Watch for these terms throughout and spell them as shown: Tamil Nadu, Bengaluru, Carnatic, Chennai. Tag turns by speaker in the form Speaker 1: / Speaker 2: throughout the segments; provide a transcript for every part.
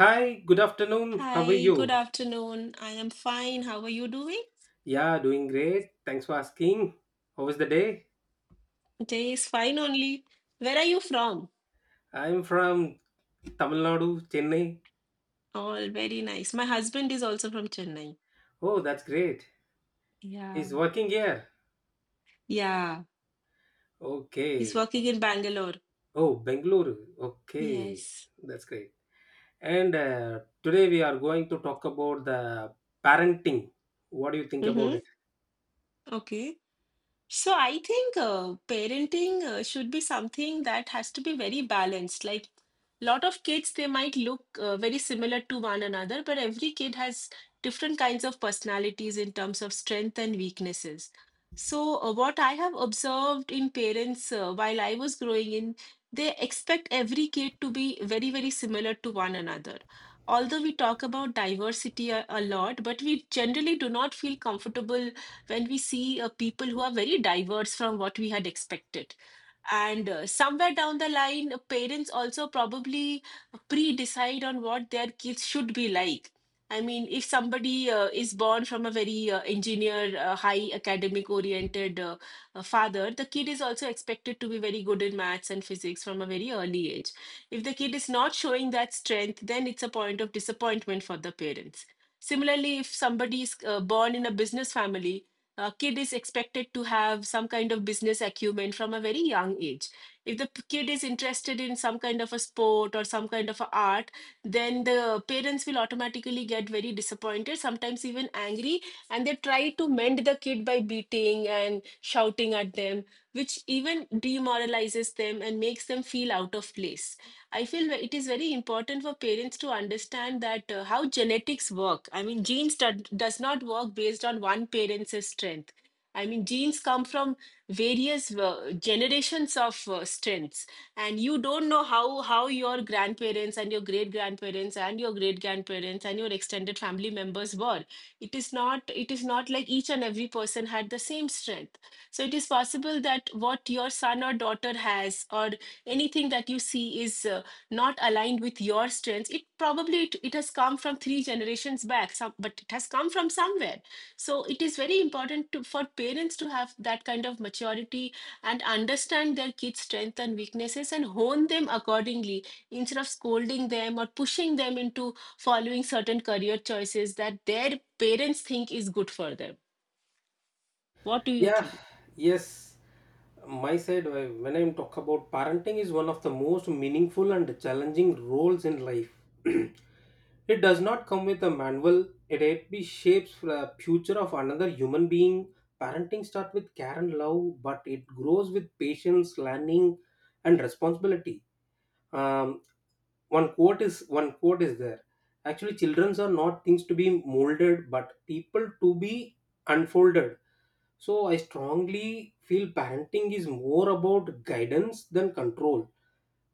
Speaker 1: Hi, good afternoon. How are
Speaker 2: Hi, good
Speaker 1: you?
Speaker 2: afternoon. I am fine. How are you doing?
Speaker 1: Yeah, doing great. Thanks for asking. How was the day?
Speaker 2: Day is fine only. Where are you from?
Speaker 1: I'm from Tamil Nadu, Chennai.
Speaker 2: All very nice. My husband is also from Chennai.
Speaker 1: Oh, that's great. He's
Speaker 2: Yeah.
Speaker 1: working here.
Speaker 2: Yeah. He's
Speaker 1: Okay.
Speaker 2: working in Bangalore.
Speaker 1: Oh, Bengaluru. Okay.
Speaker 2: Yes.
Speaker 1: That's great. And Today we are going to talk about the parenting. What do you think about it?
Speaker 2: Mm-hmm. Okay. So I think parenting should be something that has to be very balanced. Like lot of kids, they might look very similar to one another, but every kid has different kinds of personalities in terms of strength and weaknesses. So what I have observed in parents while I was growing in, they expect every kid to be very, very similar to one another. Although we talk about diversity a lot, but we generally do not feel comfortable when we see people who are very diverse from what we had expected. And somewhere down the line, parents also probably pre decide on what their kids should be like. I mean, if somebody is born from a very engineer, high academic oriented father, the kid is also expected to be very good in maths and physics from a very early age. If the kid is not showing that strength, then it's a point of disappointment for the parents. Similarly, if somebody is born in a business family, a kid is expected to have some kind of business acumen from a very young age. If the kid is interested in some kind of a sport or some kind of a art, then the parents will automatically get very disappointed, sometimes even angry, and they try to mend the kid by beating and shouting at them, which even demoralizes them and makes them feel out of place. I feel it is very important for parents to understand that how genetics work. I mean, does not work based on one parent's strength. I mean, genes come from various generations of strengths, and you don't know how your grandparents and your great grandparents and your great grandparents and your extended family members were. It is not like each and every person had the same strength. So it is possible that what your son or daughter has, or anything that you see, is not aligned with your strengths. It probably it has come from three generations back some, but it has come from somewhere. So it is very important for parents to have that kind of maturity and understand their kids strengths and weaknesses and hone them accordingly instead of scolding them or pushing them into following certain career choices that their parents think is good for them. What do you
Speaker 1: Yeah,
Speaker 2: think?
Speaker 1: yes. My side, when I'm talk about parenting, is one of the most meaningful and challenging roles in life. It does not come with a manual. It actually shapes the future of another human being. Parenting starts with care and love, but it grows with patience, learning, and responsibility. Um, One quote is there. Actually, children are not things to be molded, but people to be unfolded. So I strongly feel parenting is more about guidance than control.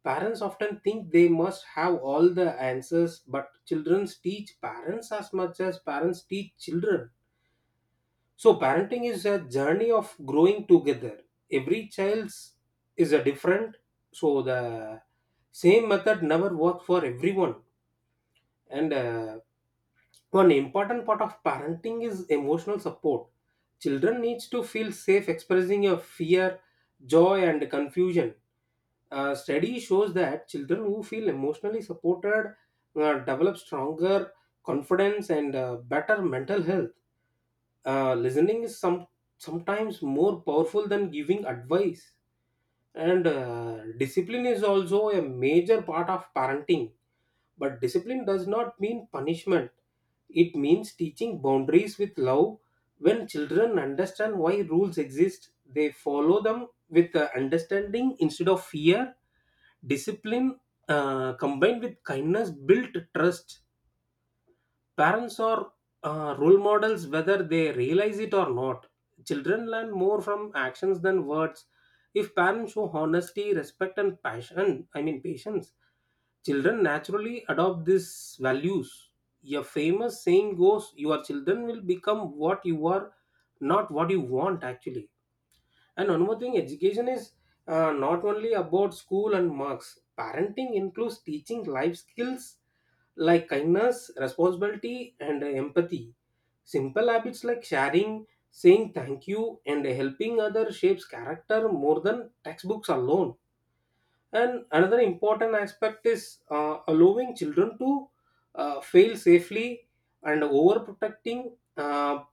Speaker 1: Parents often think they must have all the answers, but children teach parents as much as parents teach children. So parenting is a journey of growing together. Every child's is a different, so the same method never works for everyone. And One important part of parenting is emotional support. Children needs to feel safe expressing your fear, joy, and confusion. A study shows that children who feel emotionally supported develop stronger confidence and better mental health. Listening is sometimes more powerful than giving advice. And Discipline is also a major part of parenting, but discipline does not mean punishment. It means teaching boundaries with love. When children understand why rules exist, they follow them with understanding instead of fear. Discipline combined with kindness built trust. Parents are role models whether they realize it or not. Children learn more from actions than words. If parents show honesty, respect, and passion I mean patience, children naturally adopt these values. A famous saying goes, your children will become what you are, not what you want actually. And one more thing, education is not only about school and marks. Parenting includes teaching life skills like kindness, responsibility, and empathy. Simple habits like sharing, saying thank you, and helping others shapes character more than textbooks alone. And another important aspect is allowing children to fail safely and overprotecting.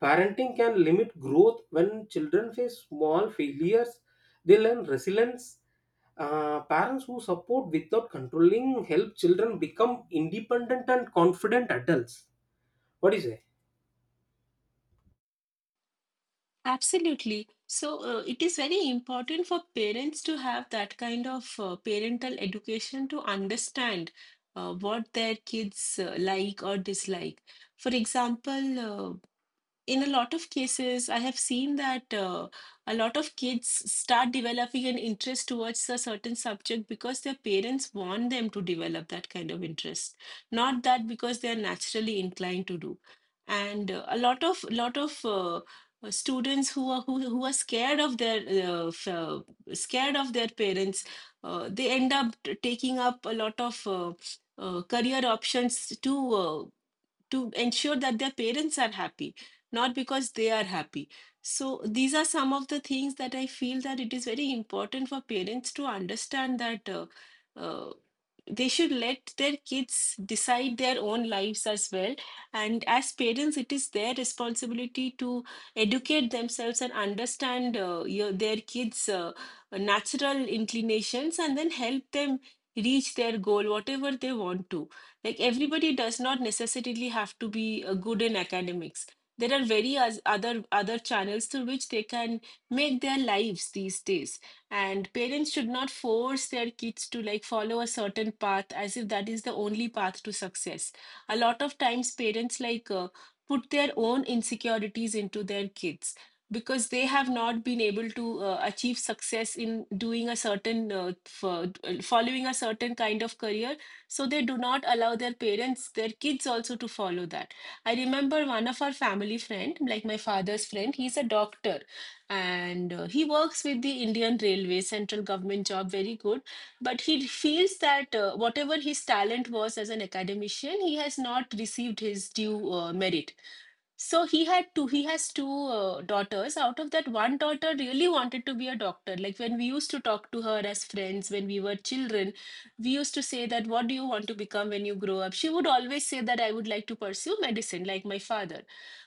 Speaker 1: Parenting can limit growth. When children face small failures, they learn resilience. Parents who support without controlling help children become independent and confident adults. What do you say?
Speaker 2: Absolutely. So, it is very important for parents to have that kind of parental education to understand what their kids like or dislike. For example, in a lot of cases, I have seen that a lot of kids start developing an interest towards a certain subject because their parents want them to develop that kind of interest, not that because they are naturally inclined to do. And a lot of students who are scared of their uh, f- uh, scared of their parents, they end up taking up a lot of career options too to ensure that their parents are happy, not because they are happy. So these are some of the things that I feel, that it is very important for parents to understand that uh, they should let their kids decide their own lives as well. And as parents, it is their responsibility to educate themselves and understand their kids natural inclinations and then help them reach their goal, whatever they want to. Like everybody does not necessarily have to be good in academics. There are very other channels through which they can make their lives these days. And parents should not force their kids to like follow a certain path as if that is the only path to success. A lot of times parents like put their own insecurities into their kids because they have not been able to achieve success in doing a certain following a certain kind of career, so they do not allow their kids also to follow that. I remember one of our family friend, like my father's friend, he's a doctor, and he works with the Indian Railway, central government job, very good. But he feels that whatever his talent was as an academician, he has not received his due merit. So he has two daughters. Out of that, one daughter really wanted to be a doctor. Like when we used to talk to her as friends when we were children, we used to say that, "What do you want to become when you grow up?" She would always say that, "I would like to pursue medicine, like my father."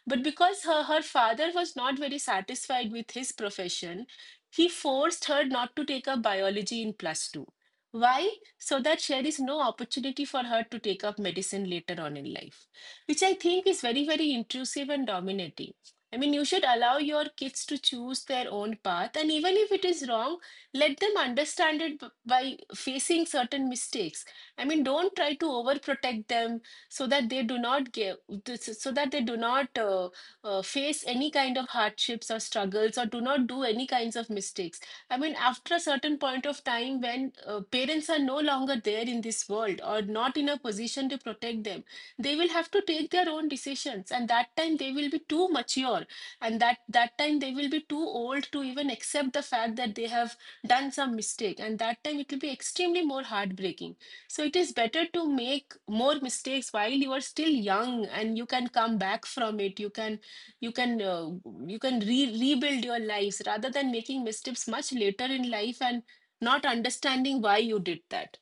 Speaker 2: But because her father was not very satisfied with his profession, he forced her not to take up biology in plus two. Why? So that there is no opportunity for her to take up medicine later on in life, which I think is very, very intrusive and dominating. I mean, you should allow your kids to choose their own path, and even if it is wrong, let them understand it by facing certain mistakes. I mean, don't try to overprotect them so that they do not give, so that they do not face any kind of hardships or struggles, or do not do any kinds of mistakes. I mean, after a certain point of time, when parents are no longer there in this world or not in a position to protect them, they will have to take their own decisions, and that time they will be too mature. And that time they will be too old to even accept the fact that they have done some mistake, and that time it will be extremely more heartbreaking. So it is better to make more mistakes while you are still young and you can come back from it. You can you can uh, you can rebuild your lives rather than making mistakes much later in life and not understanding why you did that.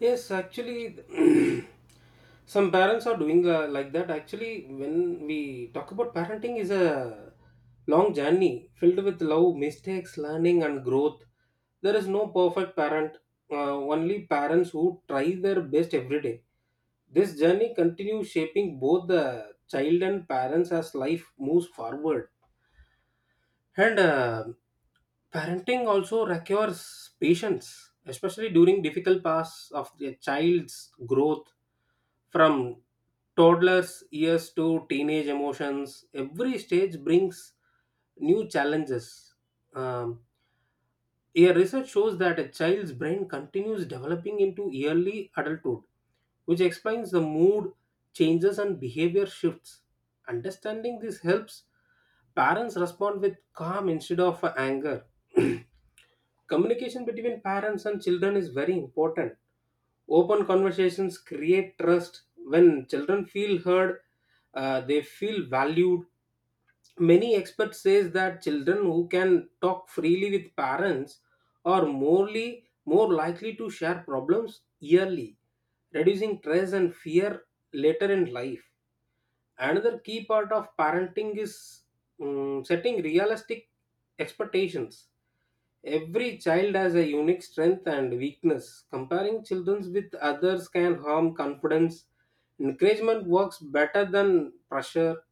Speaker 1: Yes, actually, some parents are doing like that. Actually, when we talk about parenting, is a long journey filled with love, mistakes, learning, and growth. There is no perfect parent. Only parents who try their best every day. This journey continues shaping both the child and parents as life moves forward. And Parenting also requires patience, especially during difficult paths of a child's growth from toddler's years to teenage emotions. Every stage brings new challenges. Um, a research shows that a child's brain continues developing into early adulthood, which explains the mood changes and behavior shifts. Understanding this helps parents respond with calm instead of anger. Communication between parents and children is very important. Open conversations create trust. When children feel heard, they feel valued. Many experts says that children who can talk freely with parents are more likely to share problems yearly, reducing stress and fear later in life. Another key part of parenting is setting realistic expectations. Every child has a unique strength and weakness. Comparing children with others can harm confidence. Encouragement works better than pressure.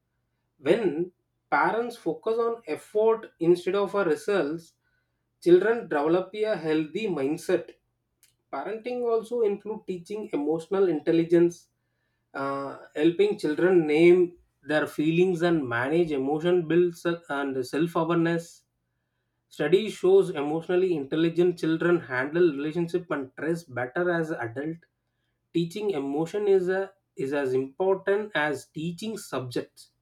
Speaker 1: When parents focus on effort instead of a results, children develop a healthy mindset. Parenting also include teaching emotional intelligence, helping children name their feelings and manage emotion builds and self-awareness. Study shows emotionally intelligent children handle relationship and stress better as adult. Teaching emotion is as important as teaching subjects.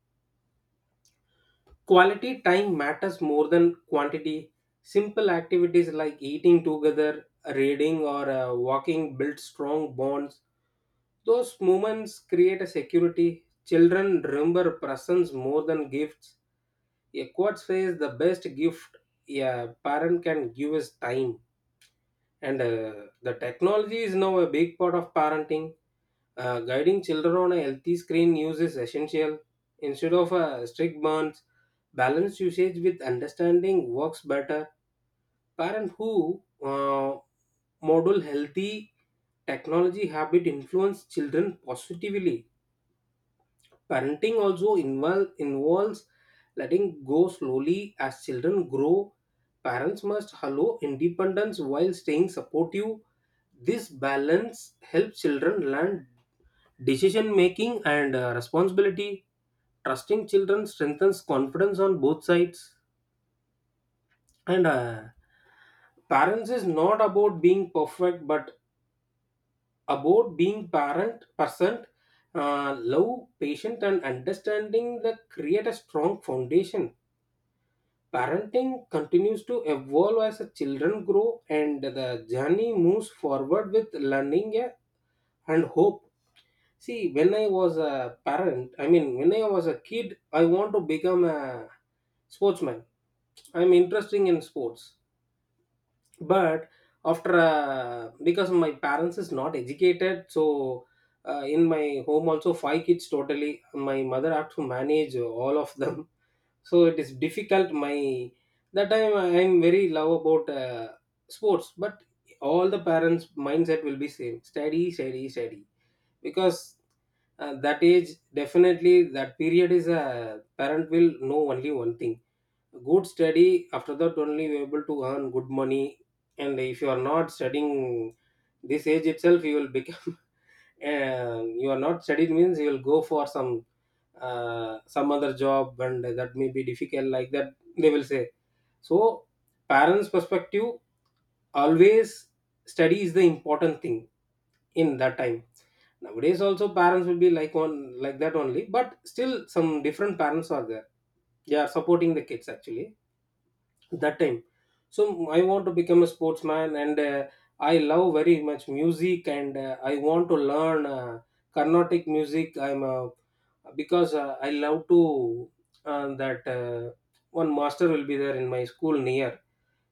Speaker 1: Quality time matters more than quantity. Simple activities like eating together, reading, or walking build strong bonds. Those moments create a security. Children remember presents more than gifts. A quote says the best gift a parent can give is time. And The technology is now a big part of parenting. Guiding children on a healthy screen use is essential. Instead of a strict burns, balanced usage with understanding works better. Parents who model healthy technology habit influence children positively. Parenting also involves letting go slowly as children grow. Parents must allow independence while staying supportive. This balance helps children learn decision making and responsibility. Trusting children strengthens confidence on both sides. And Parents is not about being perfect, but about being parent percent. Love, patient, and understanding that create a strong foundation. Parenting continues to evolve as the children grow, and the journey moves forward with learning and hope. See, when I was a parent, I mean, when I was a kid, I want to become a sportsman. I'm interested in sports, but after because my parents is not educated, so in my home also five kids totally. My mother had to manage all of them, so it is difficult. My that time I'm very love about sports, but all the parents' mindset will be same: study, study, study, because that age definitely that period is a parent will know only one thing. Good study, after that only you able to earn good money. And if you are not studying this age itself, you will become you are not studied means you will go for some other job and that may be difficult, like that they will say. So parents perspective always study is the important thing in that time. Nowadays also parents will be like on like that only, but still some different parents are there. They are supporting the kids actually that time. So I want to become a sportsman, and I love very much music, and I want to learn Carnatic music. I'm a Because I love to that one master will be there in my school near.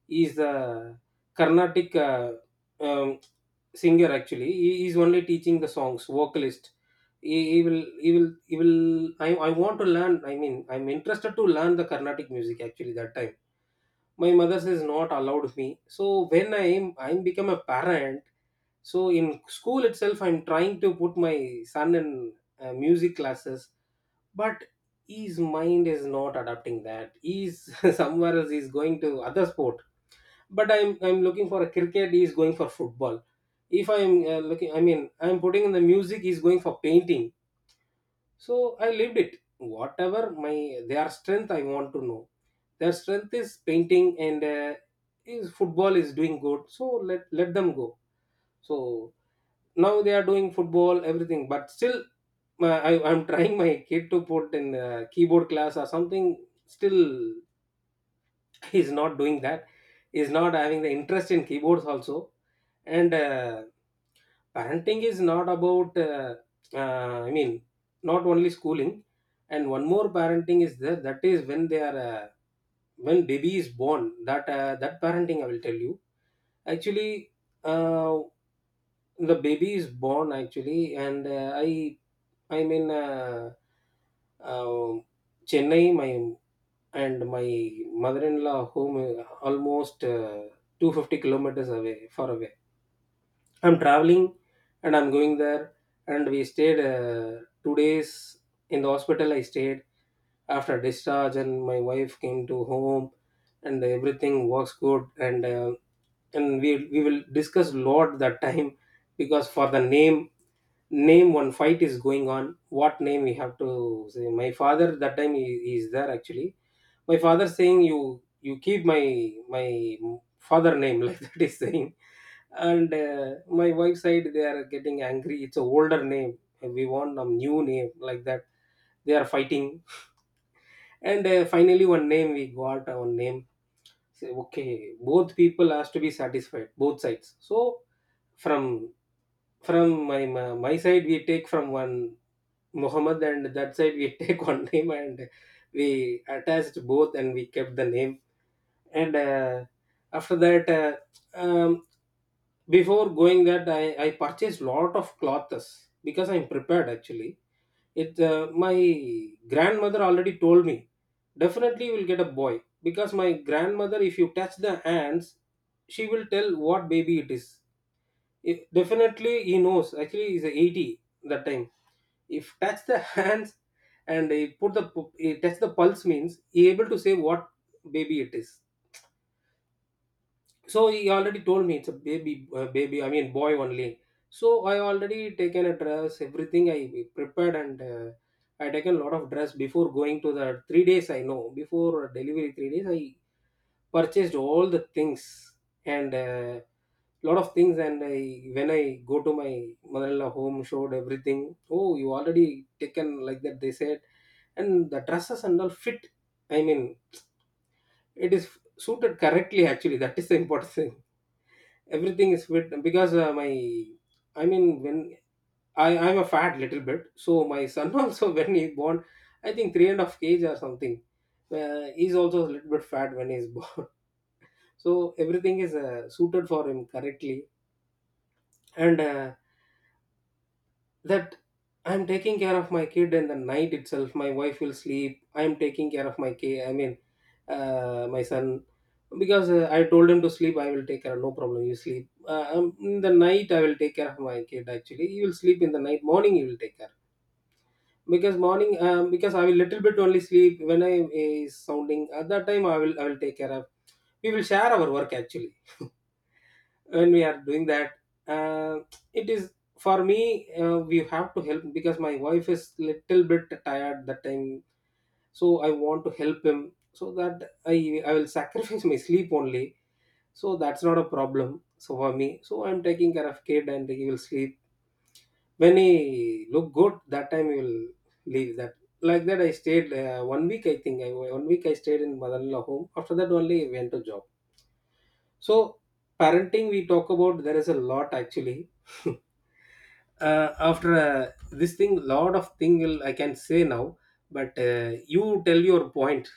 Speaker 1: He is the Carnatic um, singer actually. He is only teaching the songs, vocalist. I want to learn. I mean, I'm interested to learn the Carnatic music actually. That time, my mother says not allowed me. So when I'm become a parent. So in school itself, I'm trying to put my son in music classes, but his mind is not adapting that. He's somewhere else. He's going to other sports. But I'm looking for a cricket, he is going for football. If I'm looking, I mean, I'm putting in the music, he's going for painting. So I lived it. Whatever my their strength I want to know. Their strength is painting, and is football, is doing good. So let them go. So now they are doing football everything, but still I'm trying my kid to put in keyboard class or something. Still he's not doing that. He's not having the interest in keyboards also. And parenting is not about uh, i mean not only schooling. And one more parenting is there, that is when they are when baby is born, that that parenting I will tell you actually. uh, the baby is born actually, and i mean uh, uh, Chennai my and my mother-in-law home is almost 250 kilometers away, far away. I'm traveling and I'm going there, and we stayed 2 days in the hospital I stayed. After discharge and my wife came to home, and everything works good. And we will discuss lot that time, because for the name one fight is going on, what name we have to say. My father that time, he is there actually. My father saying, you keep my my father name, like that is saying. And my wife side they are getting angry, it's a older name, we want a new name, like that. They are fighting. And finally one name we got, our name, say okay, both people has to be satisfied, both sides. So from my side we take from one Muhammad, and that side we take one name, and we attached both and we kept the name. And after that um, before going that I purchased lot of clothes, because I'm prepared actually. It my grandmother already told me, definitely you will get a boy, because my grandmother, if you touch the hands, she will tell what baby it is. Definitely he knows actually. He's a 80 that time. If touch the hands, and he put the he touch the pulse means, he able to say what baby it is. So he already told me it's a baby, baby. I mean, boy only. So I already taken a dress, everything I prepared, and I taken a lot of dress before going to the 3 days. I know before delivery 3 days, I purchased all the things, and lot of things. And I when I go to my mother-in-law home, showed everything. Oh, you already taken like that? They said, and the dresses and all fit. I mean, it is suited correctly. Actually, that is the important thing. Everything is fit because my, I mean when I'm a fat little bit, so my son also when he born, I think 3.5 kg or something. He's also a little bit fat when he's born. So everything is suited for him correctly, and that, I'm taking care of my kid, and the night itself, my wife will sleep. I'm taking care of my kid. I mean, my son, because I told him to sleep. I will take care. No problem. You sleep. In the night, I will take care of my kid. Actually, he will sleep in the night. Morning, he will take care. Because morning, because I will little bit only sleep when I is sounding. At that time, I will take care of. We will share our work actually when we are doing that. uh, it is for me. We have to help because my wife is little bit tired that time, so I want to help him, so that i I will sacrifice my sleep only. So that's not a problem, so for me, so I'm taking care of kid, and he will sleep. When he look good, that time he will leave that. Like that, I stayed one week, I think, I one week I stayed in mother-in-law home, after that only I went to job. So parenting, we talk about, there is a lot actually. After this thing, lot of thing will I can say now, but you tell your point.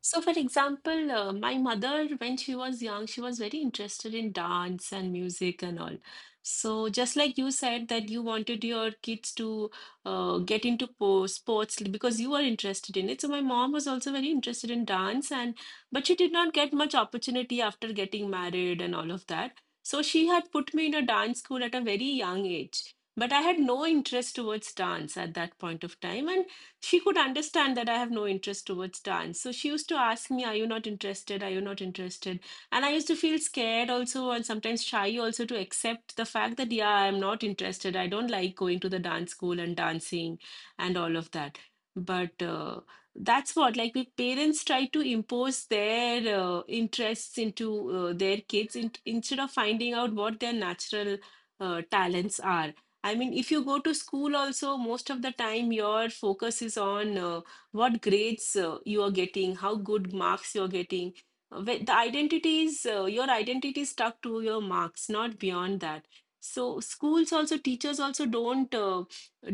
Speaker 2: So, for example, my mother, when she was young, she was very interested in dance and music and all. So, just like you said that you wanted your kids to get into po sports because you were interested in it. So, my mom was also very interested in dance, and but she did not get much opportunity after getting married and all of that. So, she had put me in a dance school at a very young age. But I had no interest towards dance at that point of time, and she could understand that I have no interest towards dance. So she used to ask me, "Are you not interested? Are you not interested?" And I used to feel scared also and sometimes shy also to accept the fact that, yeah, I'm not interested. I don't like going to the dance school and dancing and all of that. But that's what, like, we parents try to impose their interests into their kids instead of finding out what their natural talents are. I mean, if you go to school also, most of the time your focus is on what grades you are getting, how good marks you're getting. The identity is, your identity is stuck to your marks, not beyond that. So schools also, teachers also don't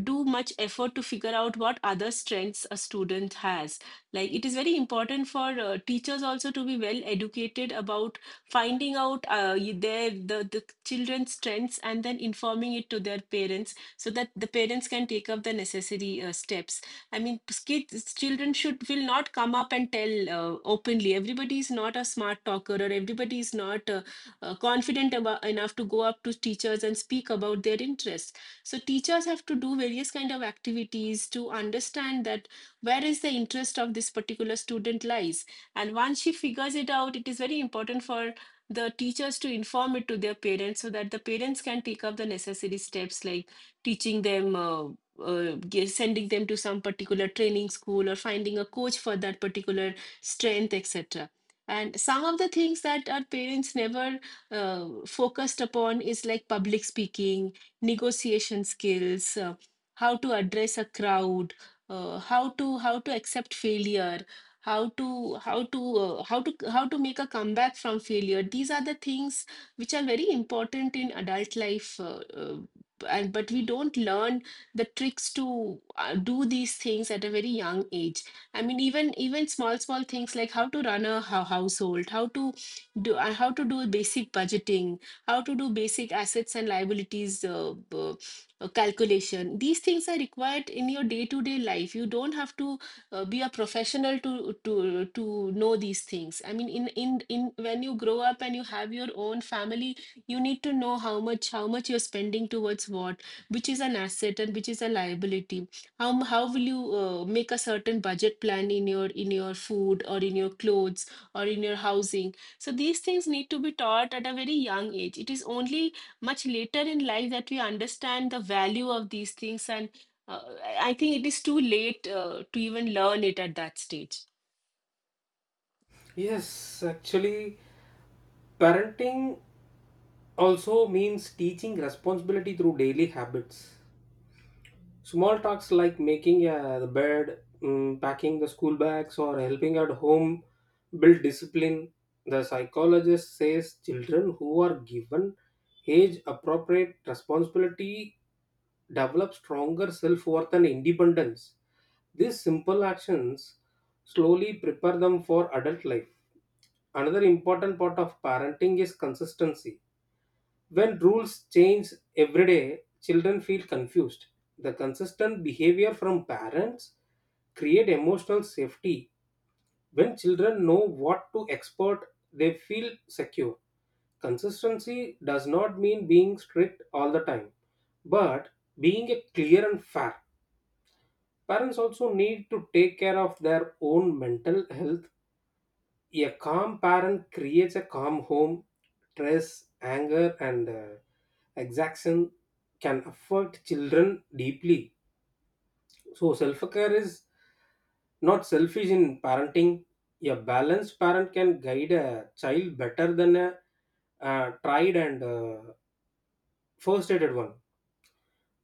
Speaker 2: do much effort to figure out what other strengths a student has. Like it is very important for teachers also to be well educated about finding out the children's strengths and then informing it to their parents so that the parents can take up the necessary steps. I mean kids children should will not come up and tell openly. Everybody is not a smart talker, or everybody is not confident enough to go up to teachers and speak about their interests. So teachers have to do various kind of activities to understand that where is the interest of this particular student lies, and once she figures it out, it is very important for the teachers to inform it to their parents so that the parents can take up the necessary steps, like teaching them, uh, sending them to some particular training school or finding a coach for that particular strength, etc. And some of the things that our parents never focused upon is like public speaking, negotiation skills, how to address a crowd, how to accept failure, how to make a comeback from failure. These are the things which are very important in adult life, and but we don't learn the tricks to do these things at a very young age. I mean, even small things like how to run a household, how to do basic budgeting, how to do basic assets and liabilities calculation. These things are required in your day to day life. You don't have to be a professional to know these things. I mean, in when you grow up and you have your own family, you need to know how much you're spending towards what, which is an asset and which is a liability, how will you make a certain budget plan in your food or in your clothes or in your housing. So these things need to be taught at a very young age. It is only much later in life that we understand the value of these things, and I think it is too late to even learn it at that stage.
Speaker 1: Yes, actually, parenting also means teaching responsibility through daily habits. Small tasks like making the bed, packing the school bags, or helping at home build discipline. The psychologist says children who are given age appropriate responsibility develop stronger self worth and independence. These simple actions slowly prepare them for adult life. Another important part of parenting is consistency. When rules change every day, children feel confused. The consistent behavior from parents create emotional safety. When children know what to expect, they feel secure. Consistency does not mean being strict all the time, but being a clear and fair. Parents also need to take care of their own mental health. A calm parent creates a calm home. Stress, anger, and exaction can affect children deeply. So, self care is not selfish in parenting. A balanced parent can guide a child better than a tried and first aided one.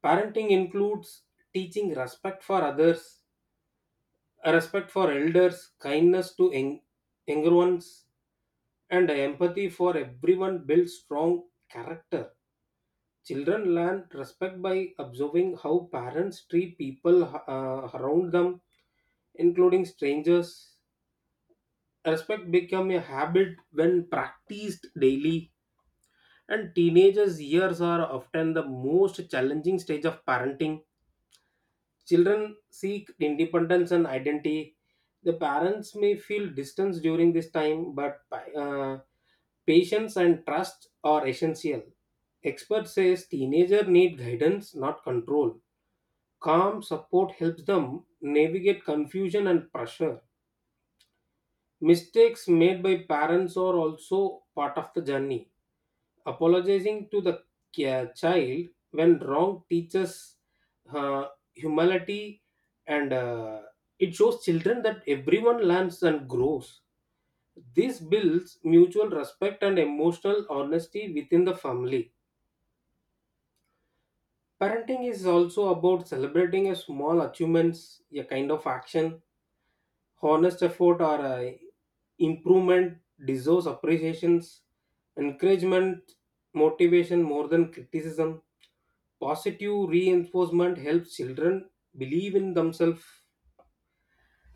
Speaker 1: Parenting includes teaching respect for others, respect for elders, kindness to young, younger ones, and empathy for everyone builds strong character. Children learn respect by observing how parents treat people around them, including strangers. Respect become a habit when practiced daily. And teenagers' years are often the most challenging stage of parenting. Children seek independence and identity. The parents may feel distance during this time, but uh, patience and trust are essential. Expert says teenagers need guidance, not control. Calm support helps them navigate confusion and pressure. Mistakes made by parents are also part of the journey. Apologizing to the child when wrong teaches uh, humility, and it shows children that everyone learns and grows. This builds mutual respect and emotional honesty within the family. Parenting is also about celebrating a small achievements. A kind of action, honest effort, or a improvement deserves appreciations, encouragement, motivation more than criticism. Positive reinforcement helps children believe in themselves.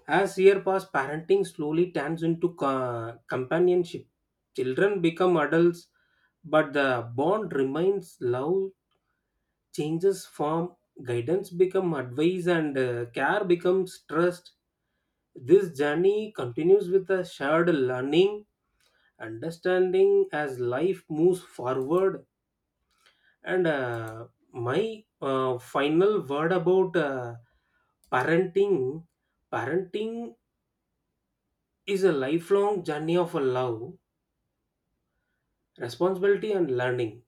Speaker 1: As years pass, parenting slowly turns into companionship. Children become adults, but the bond remains. Love changes form, guidance becomes advice, and care becomes trust. This journey continues with a shared learning, understanding as life moves forward. And my final word about parenting. Parenting is a lifelong journey of a love, responsibility, and learning.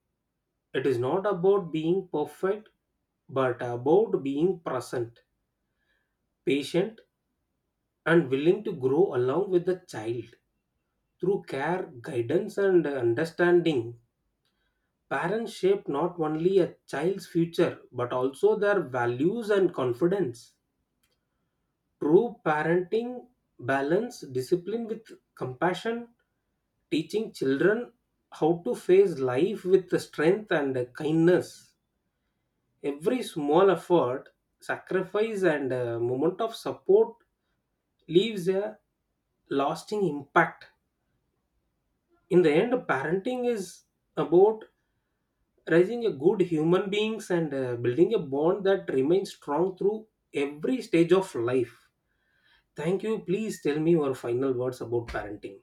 Speaker 1: It is not about being perfect, but about being present, patient, and willing to grow along with the child. Through care, guidance, and understanding, parents shape not only a child's future but also their values and confidence. True parenting balance discipline with compassion, teaching children how to face life with the strength and kindness. Every small effort, sacrifice, and moment of support leaves a lasting impact. In the end, parenting is about raising a good human beings, and building a bond that remains strong through every stage of life. Thank you. Please tell me your final words about parenting.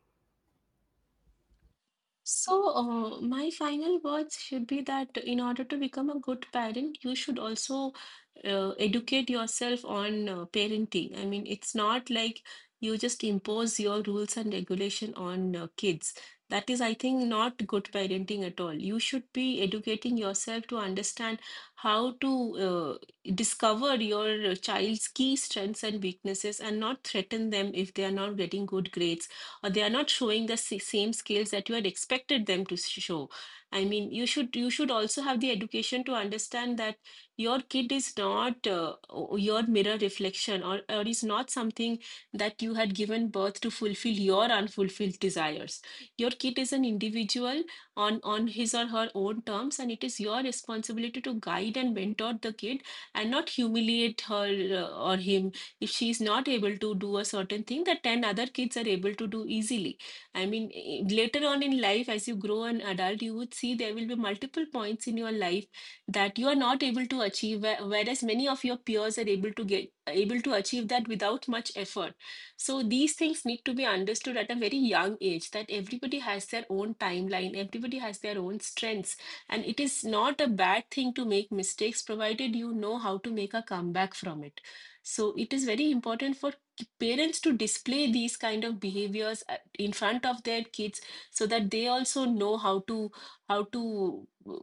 Speaker 2: So, my final words should be that in order to become a good parent, you should also educate yourself on parenting. I mean, it's not like you just impose your rules and regulation on kids. That is, I think, not good parenting at all. You should be educating yourself to understand how to discover your child's key strengths and weaknesses, and not threaten them if they are not getting good grades or they are not showing the same skills that you had expected them to show. I mean, you should also have the education to understand that your kid is not your mirror reflection, or is not something that you had given birth to fulfill your unfulfilled desires. Your kid is an individual on his or her own terms, and it is your responsibility to guide and mentor the kid and not humiliate her, or him, if she's not able to do a certain thing that 10 other kids are able to do easily. I mean, later on in life, as you grow an adult, you would see there will be multiple points in your life that you are not able to achieve, whereas many of your peers are able to achieve that without much effort. So these things need to be understood at a very young age, that everybody has their own timeline, everybody has their own strengths, and it is not a bad thing to make mistakes provided you know how to make a comeback from it. So it is very important for parents to display these kind of behaviors in front of their kids, so that they also know how to how to uh,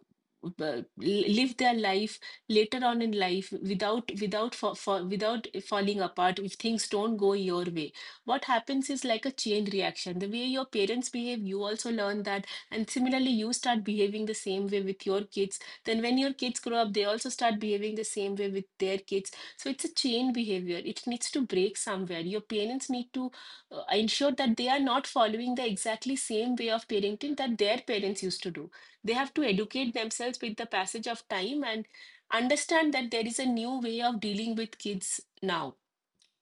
Speaker 2: live their life later on in life without without for, for without falling apart if things don't go your way. What happens is like a chain reaction. The way your parents behave, you also learn that, and similarly you start behaving the same way with your kids. Then when your kids grow up, they also start behaving the same way with their kids. So it's a chain behavior. It needs to break somewhere. Your parents need to ensure that they are not following the exactly same way of parenting that their parents used to do. They have to educate themselves with the passage of time and understand that there is a new way of dealing with kids now.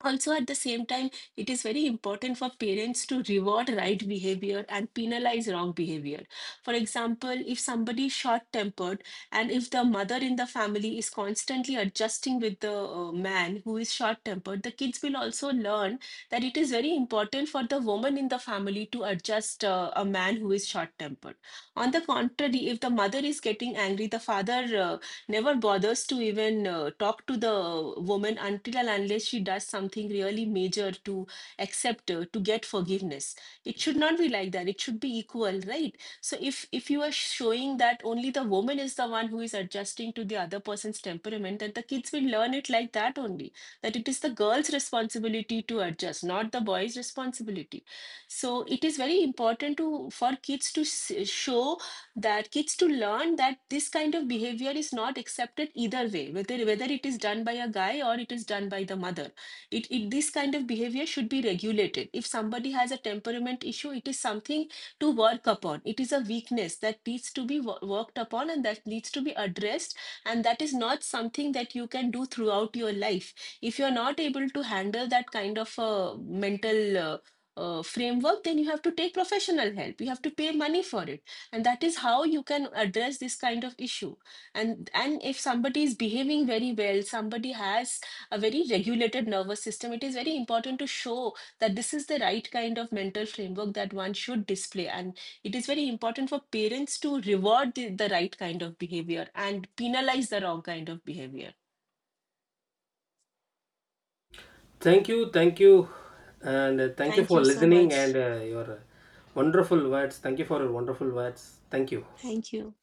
Speaker 2: Also at the same time, it is very important for parents to reward right behavior and penalize wrong behavior. For example, if somebody is short tempered, and if the mother in the family is constantly adjusting with the man who is short tempered, the kids will also learn that it is very important for the woman in the family to adjust a man who is short tempered. On the contrary, if the mother is getting angry, the father never bothers to even talk to the woman until and unless she does something really major to accept her, to get forgiveness. It should not be like that. It should be equal, right? So if you are showing that only the woman is the one who is adjusting to the other person's temperament, then the kids will learn it like that only. That it is the girl's responsibility to adjust, not the boy's responsibility. So it is very important to for kids to show that kids to learn that this kind of behavior is not accepted either way, whether it is done by a guy or it is done by the mother. It this kind of behavior should be regulated. If somebody has a temperament issue, it is something to work upon. It is a weakness that needs to be worked upon, and that needs to be addressed, and that is not something that you can do throughout your life. If you are not able to handle that kind of a mental framework, then you have to take professional help. You have to pay money for it, and that is how you can address this kind of issue. And if somebody is behaving very well, somebody has a very regulated nervous system, it is very important to show that this is the right kind of mental framework that one should display. And it is very important for parents to reward the right kind of behavior and penalize the wrong kind of behavior.
Speaker 1: Thank you, and thank you
Speaker 2: Thank
Speaker 1: for
Speaker 2: you so
Speaker 1: listening, and
Speaker 2: much.
Speaker 1: your wonderful words. Thank you for your wonderful words. Thank you.
Speaker 2: Thank you.